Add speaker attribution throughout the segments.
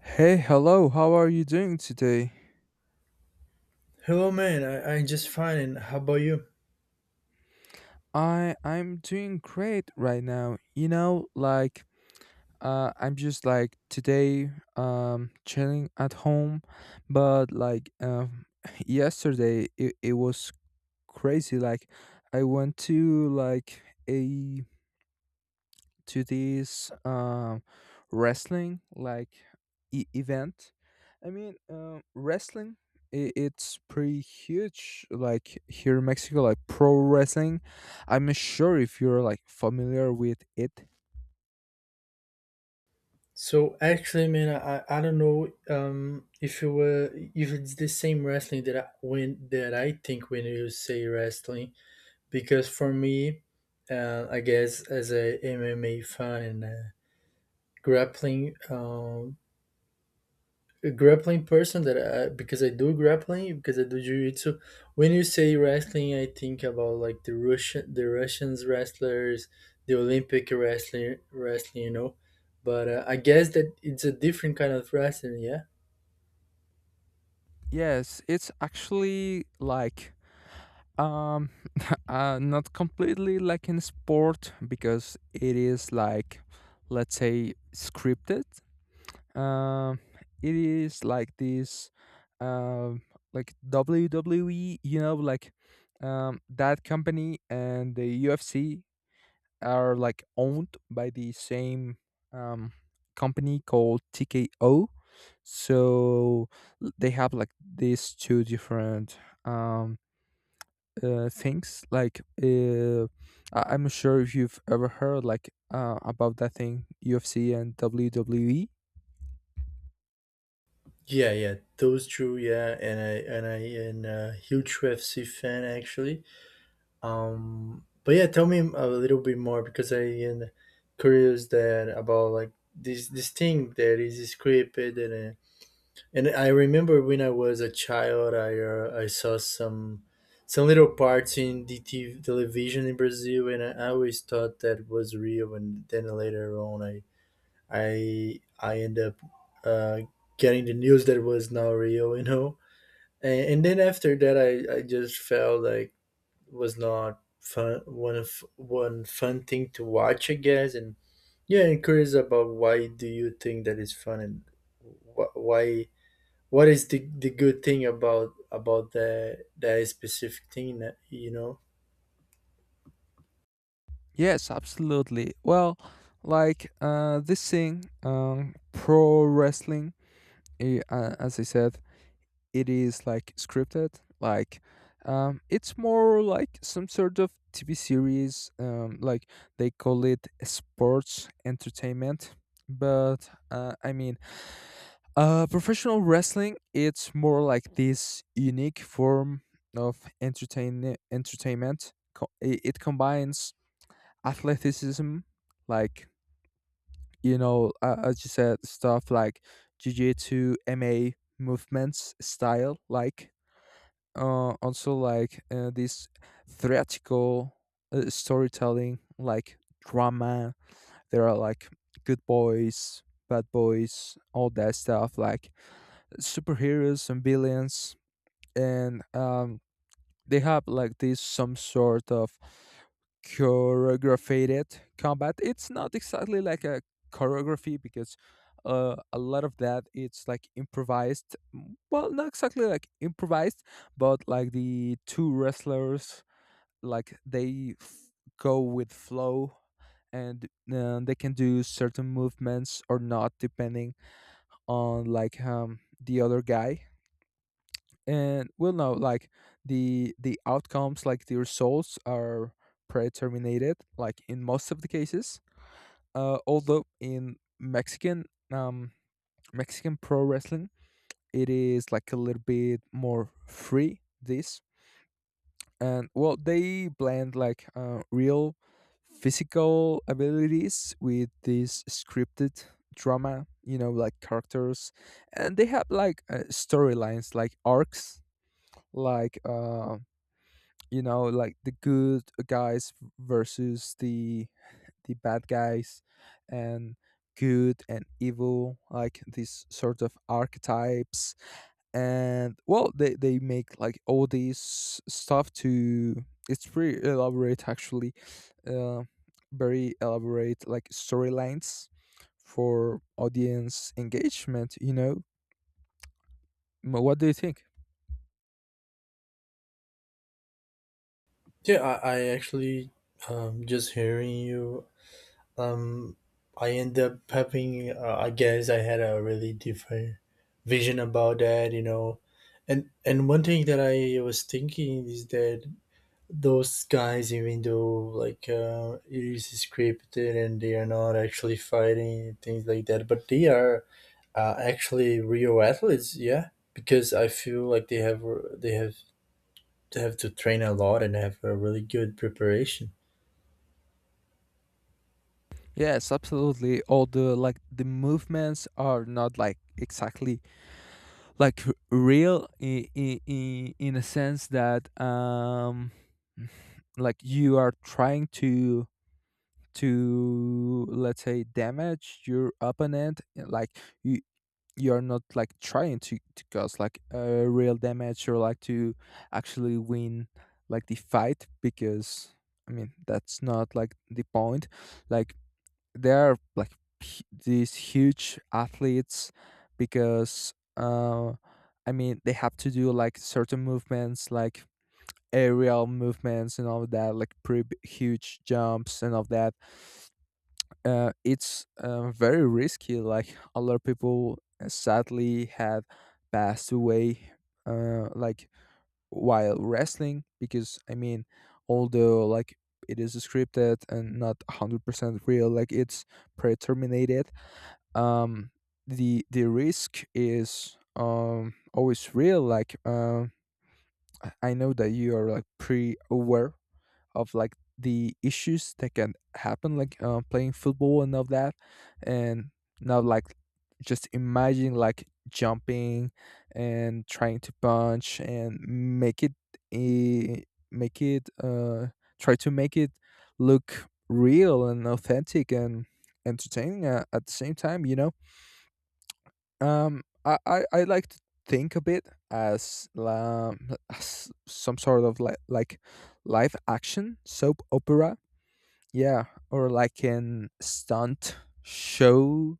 Speaker 1: Hey, hello. How are you doing today?
Speaker 2: Hello, man. I'm just fine. And how about you?
Speaker 1: I'm doing great right now. You know, like I'm just like today chilling at home, but like yesterday it was crazy. Like I went to like a to this wrestling like event. I mean, wrestling it's pretty huge like here in Mexico, like pro wrestling. I'm not sure if you're like familiar with it.
Speaker 2: So actually, man, I don't know if you were if it's the same wrestling that I think when you say wrestling because for me, I guess as a MMA fan and grappling, um a grappling because I do grappling because I do jiu-jitsu. When you say wrestling, I think about like the Russians wrestlers, the Olympic wrestling, you know. But I guess that it's a different kind of wrestling, yeah.
Speaker 1: Yes, it's actually like um not completely like in sport, because it is like, let's say, scripted. Um, it is like this, um, like WWE, you know, like that company and the UFC are like owned by the same um, company called TKO. So they have like these two different um, things. Like I'm not sure if you've ever heard like about that thing UFC and WWE.
Speaker 2: Yeah, yeah, those two, yeah, and I am a huge UFC fan actually. But yeah, tell me a little bit more because I am curious that about like this thing that is scripted. And I remember when I was a child, I saw some little parts in the TV, television in Brazil, and I always thought that was real. And then later on, I end up uh, getting the news that was not real, you know. And then after that, I just felt like it was not fun one of one fun thing to watch, I guess. And yeah, I'm curious about why do you think that is fun and wh- why what is the good thing about the that specific thing that you know?
Speaker 1: Yes, absolutely. Well, like this thing, pro wrestling, as I said, it is like scripted. Like, it's more like some sort of TV series. Like they call it sports entertainment. But I mean, professional wrestling, it's more like this unique form of entertainment. It combines athleticism, like, as you said, stuff like jujitsu, MA movements style, like, also like, this theatrical, storytelling, like drama. There are like good boys, bad boys, all that stuff, like superheroes and villains, and they have like this some sort of choreographed combat. It's not exactly like a choreography because a lot of that it's like improvised. Well, not exactly like improvised, but like the two wrestlers like they go with flow, and they can do certain movements or not depending on like the other guy, and well, no, like the outcomes, like the results, are predeterminated, like in most of the cases, although in um mexican pro wrestling it is like a little bit more free this, and well, they blend like real physical abilities with this scripted drama, you know, like characters, and they have like storylines like arcs, like you know, like the good guys versus the bad guys, and good and evil, like these sort of archetypes. And well, they make like all these stuff to, it's pretty elaborate actually, uh, very elaborate like storylines for audience engagement, you know. What do you think?
Speaker 2: Yeah, I actually just hearing you um I end up having I guess I had a really different vision about that, you know. And one thing that I was thinking is that those guys even though it is scripted and they are not actually fighting things like that, but they are actually, Rio athletes, yeah, because I feel like they have they have to train a lot and have a really good preparation.
Speaker 1: Yes, absolutely. All the, like, the movements are not like exactly like real, in a sense that, like you are trying to let's say damage your opponent, like you you're not like trying to cause like a real damage or like to actually win like the fight, because I mean that's not like the point. Like they are like these huge athletes because, I mean, they have to do like certain movements, like aerial movements and all that, like pretty huge jumps and all that. It's very risky. Like a lot of people sadly have passed away, like while wrestling, because I mean, although like it is scripted and not 100% real, like it's predetermined, um, the risk is always real. Like, I know that you are like pretty aware of like the issues that can happen, like playing football and all that, and now, like, just imagine like jumping and trying to punch and make it a make it try to make it look real and authentic and entertaining, at the same time, you know. I like to think of it as some sort of, like, live action soap opera, yeah, or like an stunt show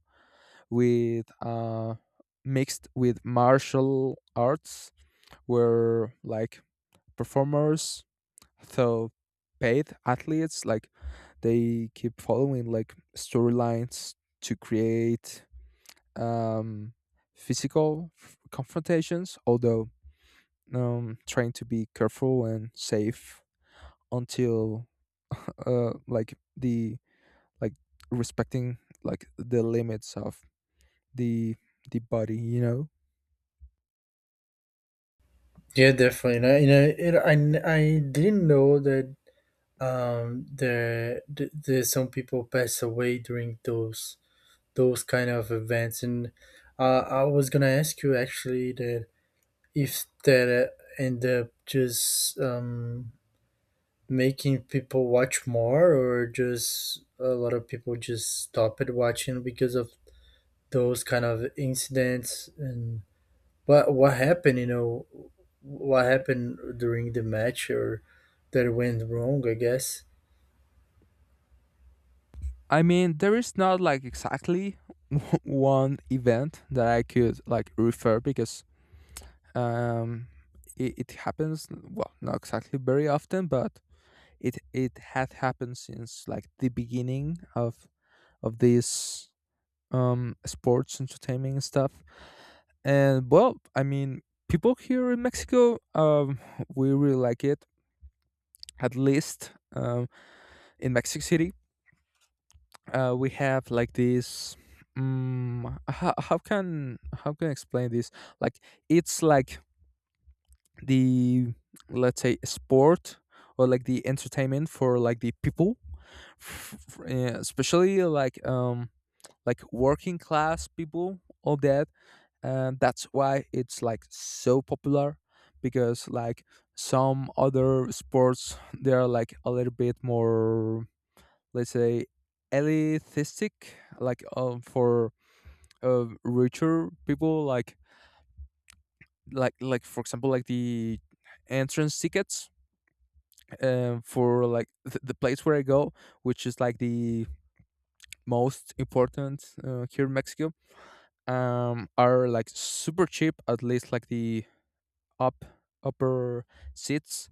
Speaker 1: with mixed with martial arts, where like performers, though paid athletes, like, they keep following like storylines to create um, physical confrontations, although trying to be careful and safe, until like the, like, respecting like the limits of the the body, you know.
Speaker 2: Yeah, definitely. And I, you know, I didn't know that there, there some people pass away during those kind of events. And I was gonna ask you actually that if that end up just making people watch more or just a lot of people just stop it watching because of those kind of incidents and what happened, you know, what happened during the match or that went wrong, I guess.
Speaker 1: I mean, there is not like exactly one event that I could like refer, because um, it happens, well, not exactly very often, but it had happened since like the beginning of these sports entertainment and stuff. And well, I mean, people here in Mexico, we really like it. At least in Mexico City, we have like this. How can I explain this? Like it's like the, let's say, sport, or like the entertainment for like the people, especially like working class people, all that, and that's why it's like so popular, because like some other sports, they're like a little bit more, let's say, elitistic, like for richer people, like, for example, like the entrance tickets for like the place where I go, which is like the most important, here in Mexico, are like super cheap, at least like the up upper seats.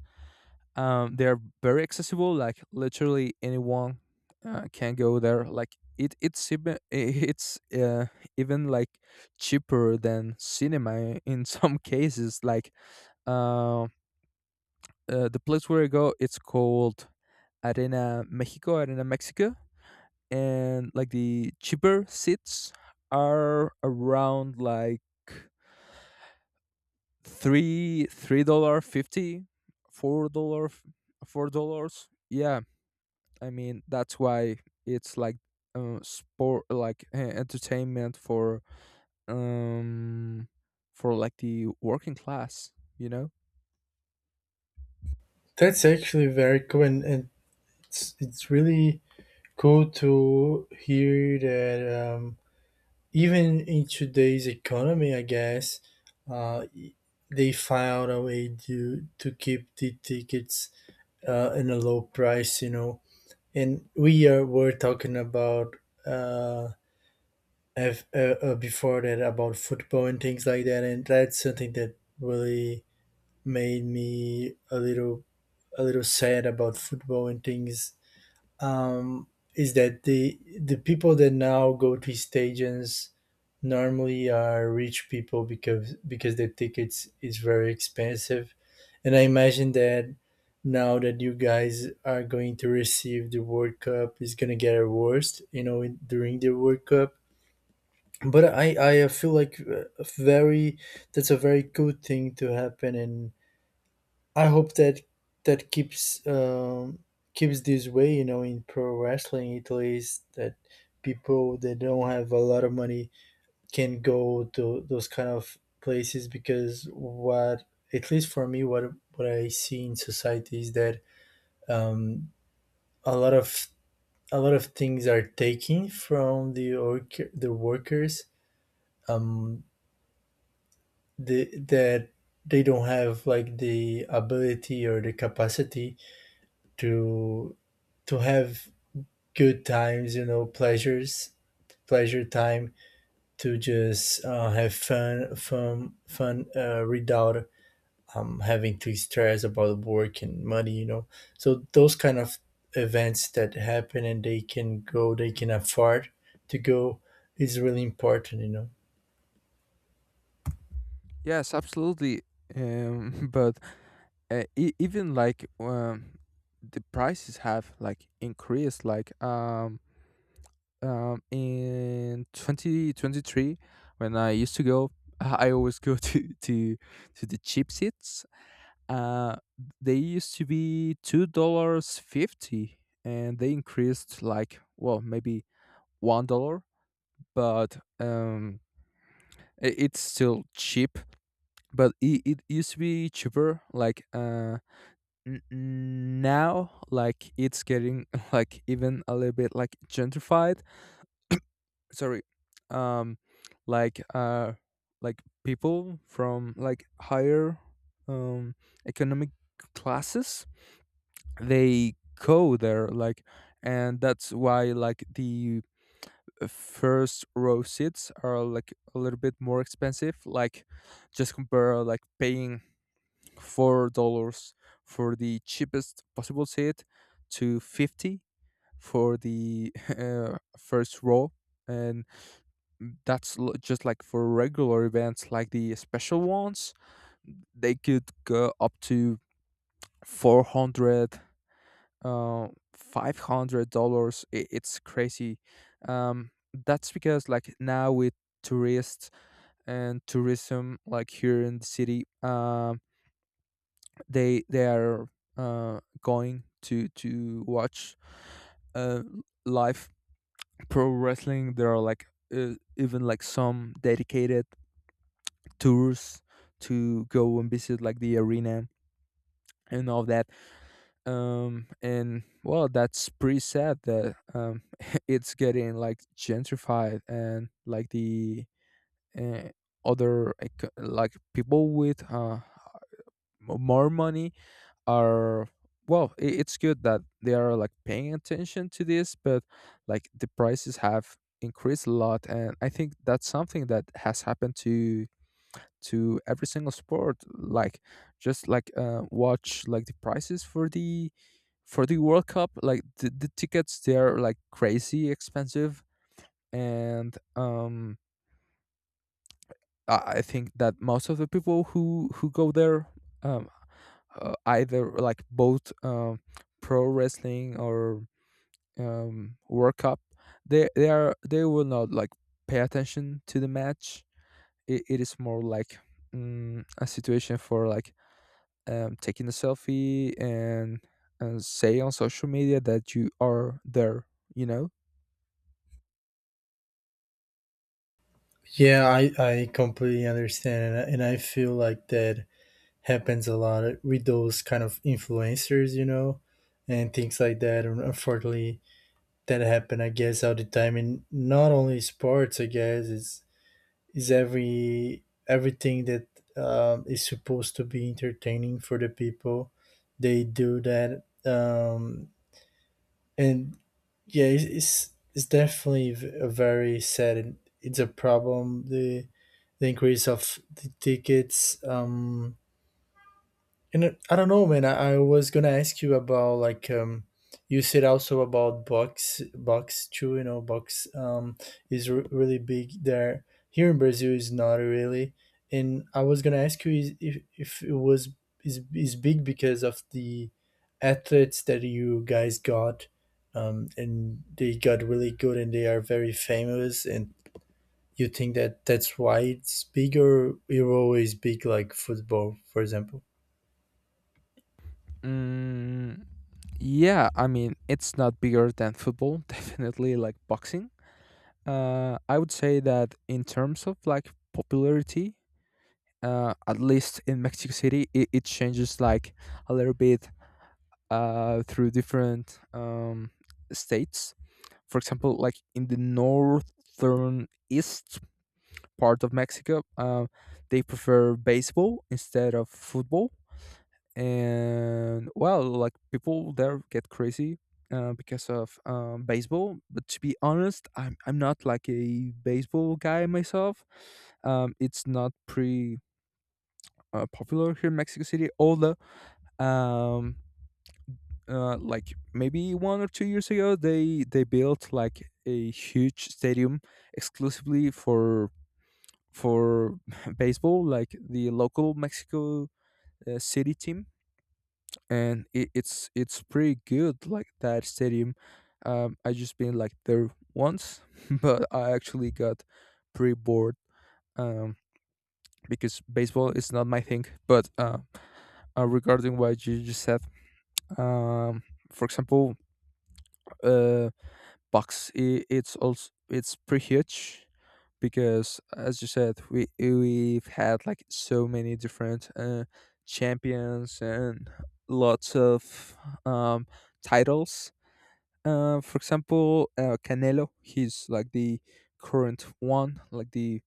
Speaker 1: They are very accessible. Like literally anyone can go there. Like, it, it's even it's even like cheaper than cinema in some cases. Like, uh, the place where I go, it's called Arena Mexico, Arena Mexico, and like the cheaper seats are around like three dollar fifty four dollar $4, yeah. I mean, that's why it's like sport, like entertainment um for like the working class, you know.
Speaker 2: That's actually very cool, and it's really cool to hear that even in today's economy, I guess uh, they found a way to keep the tickets in a low price, you know. And we are were talking about uh, if, before that about football and things like that, and that's something that really made me a little sad about football and things um, is that the people that now go to stadiums normally are rich people because the tickets is very expensive, and I imagine that now that you guys are going to receive the World Cup is gonna get worse, you know, during the World Cup. But I feel like very that's a very good thing to happen, and I hope that that keeps keeps this way. You know, in pro wrestling, at least that people that don't have a lot of money can go to those kind of places because what at least for me what I see in society is that um, a lot of a lot of things are taken from the work, the workers um, the, that they don't have like the ability or the capacity to to have good times, you know, pleasures, pleasure time to just have fun without having to stress about work and money, you know. So those kind of events that happen and they can go, they can afford to go is really important, you know.
Speaker 1: Yes, absolutely. But even like, the prices have like increased, like in 2023 when I used to go I always go to the cheap seats, uh they used to be $2.50, and they increased like, well, maybe $1, but it's still cheap, but it used to be cheaper, like now like it's getting like even a little bit like gentrified, sorry, um like uh like people from like higher um economic classes, they go there like, and that's why like the first row seats are like a little bit more expensive. Like, just compare like paying $4 for the cheapest possible seat to 50 for the first row, and that's just like for regular events. Like the special ones, they could go up to 400, 500 dollars, it's crazy. um that's because like now, with tourists and tourism, like here in the city, they are going to watch uh live pro wrestling. There are like even like some dedicated tours to go and visit like the arena and all that. And well, that's pretty sad that, it's getting like gentrified, and like the, uh, other like, people with more money are, well. I It's good that they are like paying attention to this, but like the prices have increased a lot, and I think that's something that has happened to every single sport, like just like watch like the prices for the World Cup, like, the tickets, they're like crazy expensive, and um I think that most of the people who go there, um either like both um pro wrestling or um World Cup, they will not like pay attention to the match. It is more like a situation for like taking a selfie, and say on social media that you are there, you know?
Speaker 2: Yeah, I completely understand. And I feel like that happens a lot with those kind of influencers, you know, and things like that. And unfortunately, that happen I guess all the time and not only sports. I guess it's is everything that is supposed to be entertaining for the people they do that, and yeah, it's definitely a very sad, and it's a problem the increase of the tickets. And I don't know, man. I was gonna ask you about like you said also about box too. You know, box is really big there. Here in Brazil is not really. And I was gonna ask you is, if it was is big because of the athletes that you guys got, and they got really good and they are very famous. And you think that that's why it's big, or it always big like football, for example.
Speaker 1: Mm, yeah, I mean, it's not bigger than football, definitely, like boxing. I would say that in terms of like popularity, at least in Mexico City, it changes like a little bit through different states. For example, like in the northern east part of Mexico. They prefer baseball instead of football, and well, like people there get crazy, because of baseball. But to be honest, I'm not like a baseball guy myself. It's not pretty popular here in Mexico City, although, um, like maybe 1 or 2 years ago they built like a huge stadium exclusively for baseball, like the local Mexico City team, and it's pretty good. Like that stadium, I just been like there once, but I actually got pretty bored, um, because baseball is not my thing. But regarding what you just said, um, for example, uh, bucks it's pretty huge because as you said we've had like so many different champions and lots of um, titles. For example, Canelo, he's like the current one, like the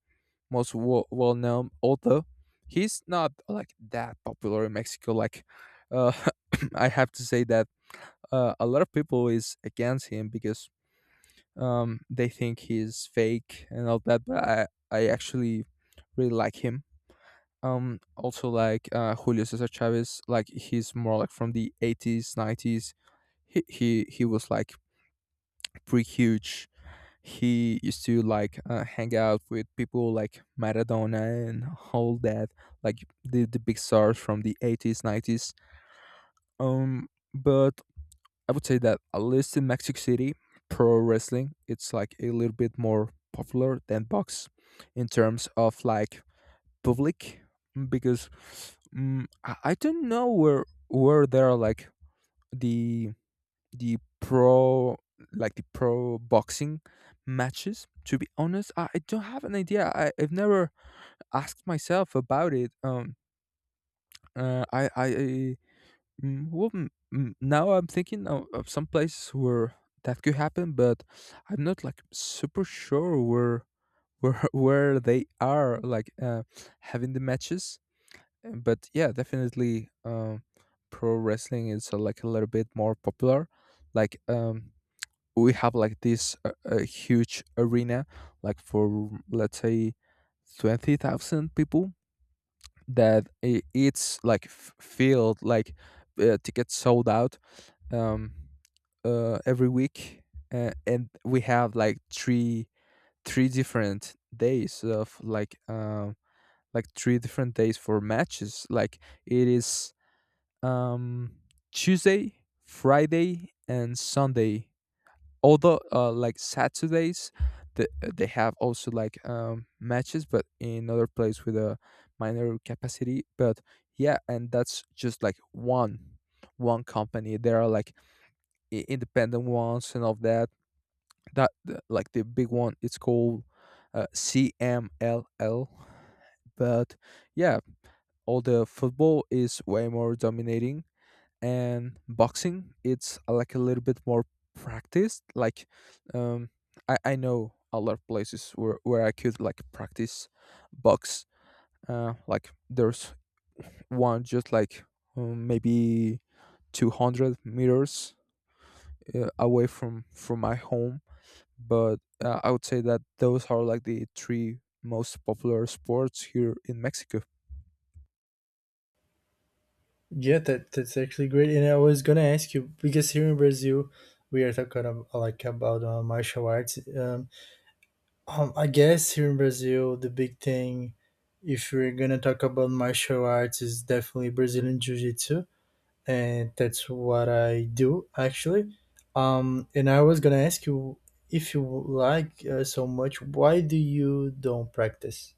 Speaker 1: most well-known. Although he's not like that popular in Mexico, like, uh, I have to say that a lot of people is against him because they think he's fake and all that, but I actually really like him. Also, like, Julio Cesar Chavez, like, he's more like from the 80s, 90s. He was like pretty huge. He used to, like, hang out with people like Maradona and all that, like the big stars from the 80s, 90s. Um, but I would say that at least in Mexico City, pro wrestling it's like a little bit more popular than box in terms of, like, public, because I don't know where there are like the the pro the pro boxing matches. To be honest, I don't have an idea. I've never asked myself about it. Uh, I, I Well, now I'm thinking of some places where that could happen, but I'm not like super sure where where they are, like, having the matches. But yeah, definitely, pro wrestling is, like a little bit more popular. Like, we have like this huge arena, like, for let's say 20,000 people that it's like filled, like, tickets sold out, um, every week, and we have like three different days of, like, like three different days for matches. Like, it is, um, Tuesday, Friday, and Sunday. Although, like Saturdays, the, they have also, like, matches, but in other place with a minor capacity. But yeah, and that's just like one company. There are like independent ones, and of that, like the big one, it's called CMLL, but yeah, all the football is way more dominating, and boxing it's, like a little bit more practiced, like, um I know a lot of places where I could like practice box, like there's one just like, maybe 200 meters away from my home, but I would say that those are like the three most popular sports here in Mexico.
Speaker 2: Yeah, that that's actually great. And I was gonna ask you because here in Brazil, we are talking about, about martial arts. I guess here in Brazil, the big thing, if we're gonna talk about martial arts, is definitely Brazilian Jiu-Jitsu, and that's what I do actually. And I was gonna ask you if you like so much, why do you don't practice?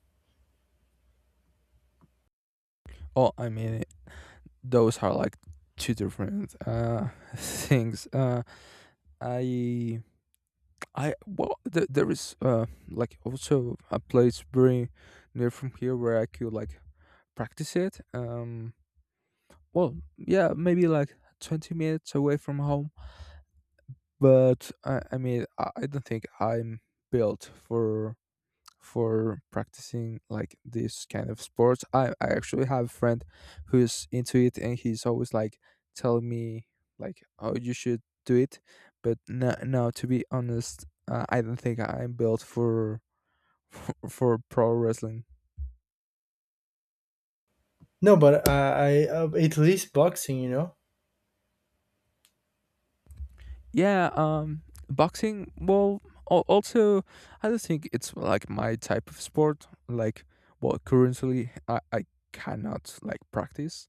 Speaker 1: Oh, I mean, those are like two different, things. I, well, there is, like, also a place very near from here where I could like practice it. Well, yeah, maybe like 20 minutes away from home, but I mean, I don't think I'm built for practicing like this kind of sports. I actually have a friend who's into it, and he's always like telling me, like, oh, you should do it. But no, no, to be honest, I don't think I'm built for for pro wrestling.
Speaker 2: No, but I at least boxing, you know.
Speaker 1: Yeah. Boxing, well, also I don't think it's like my type of sport, like, well, currently I cannot, like, practice,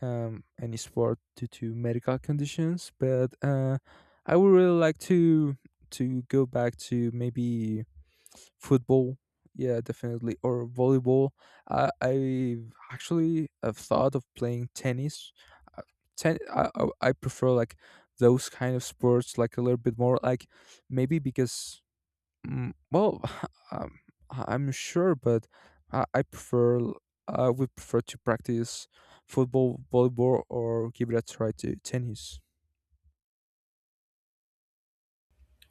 Speaker 1: any sport due to medical conditions. But I would really like to go back to maybe football. Yeah, definitely, or volleyball. I actually have thought of playing tennis. Uh, Ten, I prefer like those kind of sports, like a little bit more, like maybe because, well, um, I'm sure, but I, I prefer I would prefer to practice football, volleyball, or give it a try to tennis.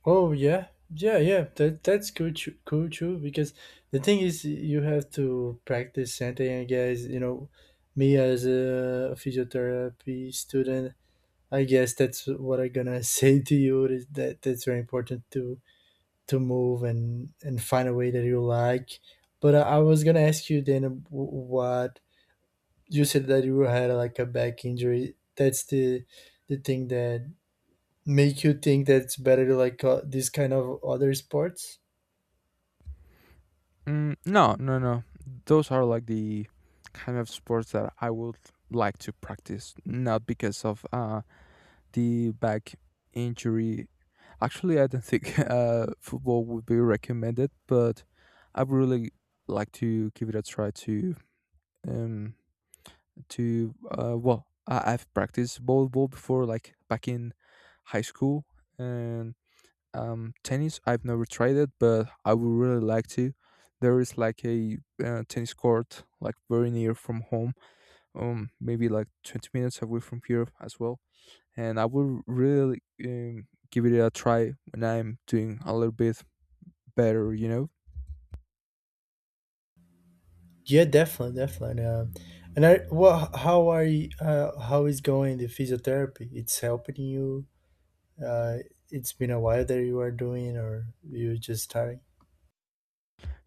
Speaker 2: Oh yeah, yeah, yeah. That that's cool too. Because the thing is, you have to practice something, I guess, you know. Me as a physiotherapy student, I guess that's what I'm gonna say to you is that that's very important to move and find a way that you like. But I was gonna ask you then what you said that you had like a back injury. That's the thing that make you think that it's better to like this kind of other sports?
Speaker 1: Mm, no, no, no. Those are like the kind of sports that I would like to practice, not because of the back injury. Actually, I don't think football would be recommended, but I would really like to give it a try, um to well, I've practiced volleyball before, like back in high school. And tennis, I've never tried it, but I would really like to. There is like a, tennis court, like very near from home. Maybe like 20 minutes away from here as well, and I would really, give it a try when I'm doing a little bit better, you know.
Speaker 2: Yeah, definitely, definitely. And I, well, how are you? How is going the physiotherapy? It's helping you. Uh, it's been a while that you are doing, or you just starting.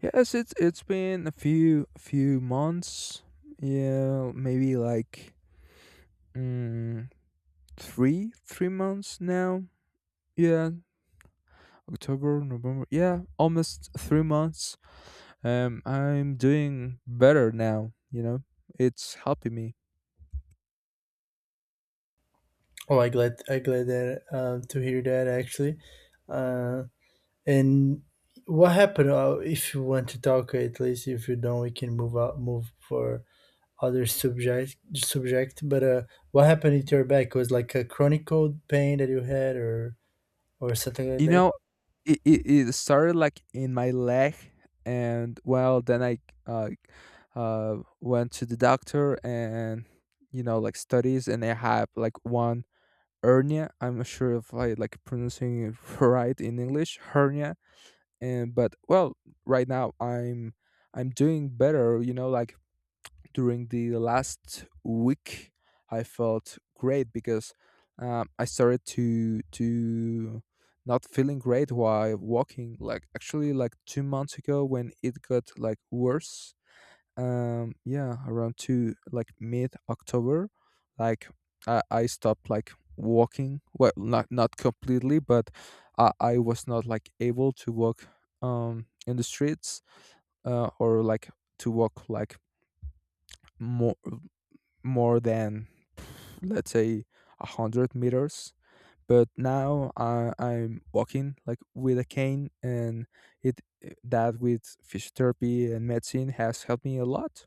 Speaker 1: Yes, it's been a few months. Yeah, maybe like, mm, three months now. Yeah, October, November, yeah, almost 3 months. I'm doing better now, you know. It's helping me.
Speaker 2: Oh, I glad that to hear that actually. Uh, and what happened? If you want to talk, at least if you don't, we can move for other subject, but what happened with your back was like a chronic cold pain that you had or something like
Speaker 1: You
Speaker 2: that.
Speaker 1: know, it, it, it started like in my leg, and, well, then I, uh, went to the doctor, and, you know, like studies, and I have like one hernia. I'm not sure if I like pronouncing it right in English, hernia. And, but, well, right now I'm doing better, you know. Like, during the last week, I felt great because, I started to not feeling great while walking, like actually like 2 months ago when it got like worse. Yeah, around two, like mid October. Like, I stopped, like, walking, well, not not completely, but I was not, like, able to walk in the streets, or, like, to walk, like, more more than, let's say, 100 meters. But now I, I'm walking like with a cane, and it, that with physiotherapy and medicine has helped me a lot.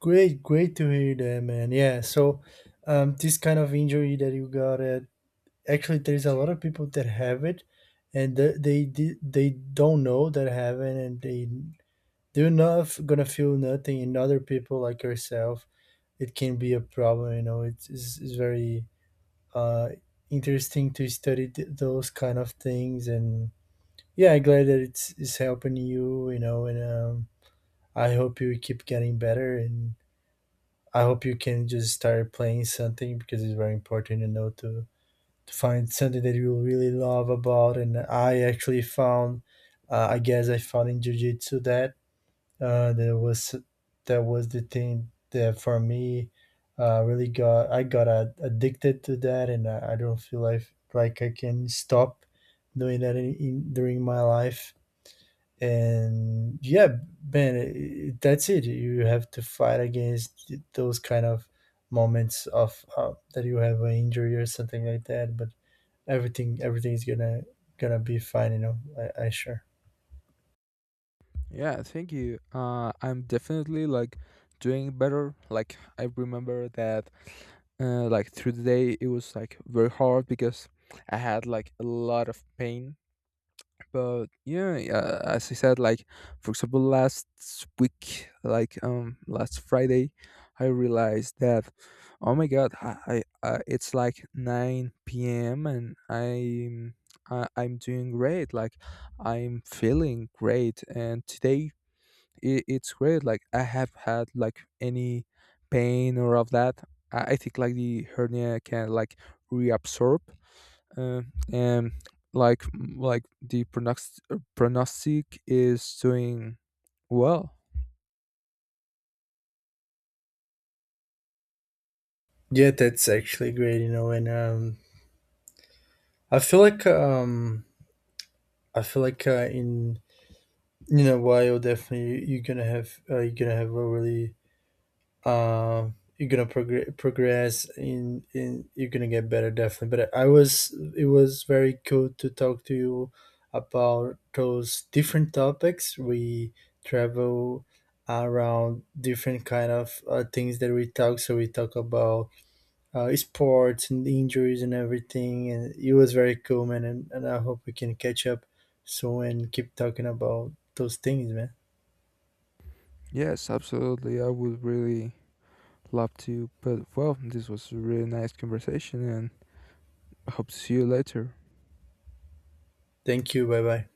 Speaker 2: Great great to hear that, man. Yeah, so this kind of injury that you got at, actually there's a lot of people that have it and they don't know that having, and they they're not gonna feel nothing, and other people like yourself it can be a problem, you know. It's, it's very uh interesting to study those kind of things. And yeah, glad that it's helping you, you know. And I hope you keep getting better, and I hope you can just start playing something because it's very important, you know, to find something that you really love about. And I actually found I found in jiu-jitsu that uh, that was that was the thing that for me really got I got addicted to that, and I don't feel like I can stop doing that in during my life. And yeah, man, that's it. You have to fight against those kind of moments of that you have an injury or something like that, but everything is gonna gonna be fine, you know. I sure.
Speaker 1: Yeah, thank you. I'm definitely like doing better. Like, I remember that like through the day it was like very hard because I had like a lot of pain. But yeah, as I said, like, for example, last week, like, last Friday, I realized that, oh my god, I it's like 9 p.m. and I'm doing great. Like, I'm feeling great. And today it, it's great, like I have had like any pain or of that. I think like the hernia can like reabsorb, uh, and like the pronostic is doing well.
Speaker 2: Yeah, that's actually great, you know. And I feel like i feel like uh, in in a while definitely you're gonna have a really uh, you're gonna progress in you're gonna get better, definitely. But I was it was very cool to talk to you about those different topics. We travel around different kind of things that we talk, so we talk about sports and injuries and everything, and it was very cool, man. And I hope we can catch up soon and keep talking about those things, man.
Speaker 1: Yes, absolutely. I would really love to. But, well, this was a really nice conversation, and I hope to see you later.
Speaker 2: Thank you. Bye bye.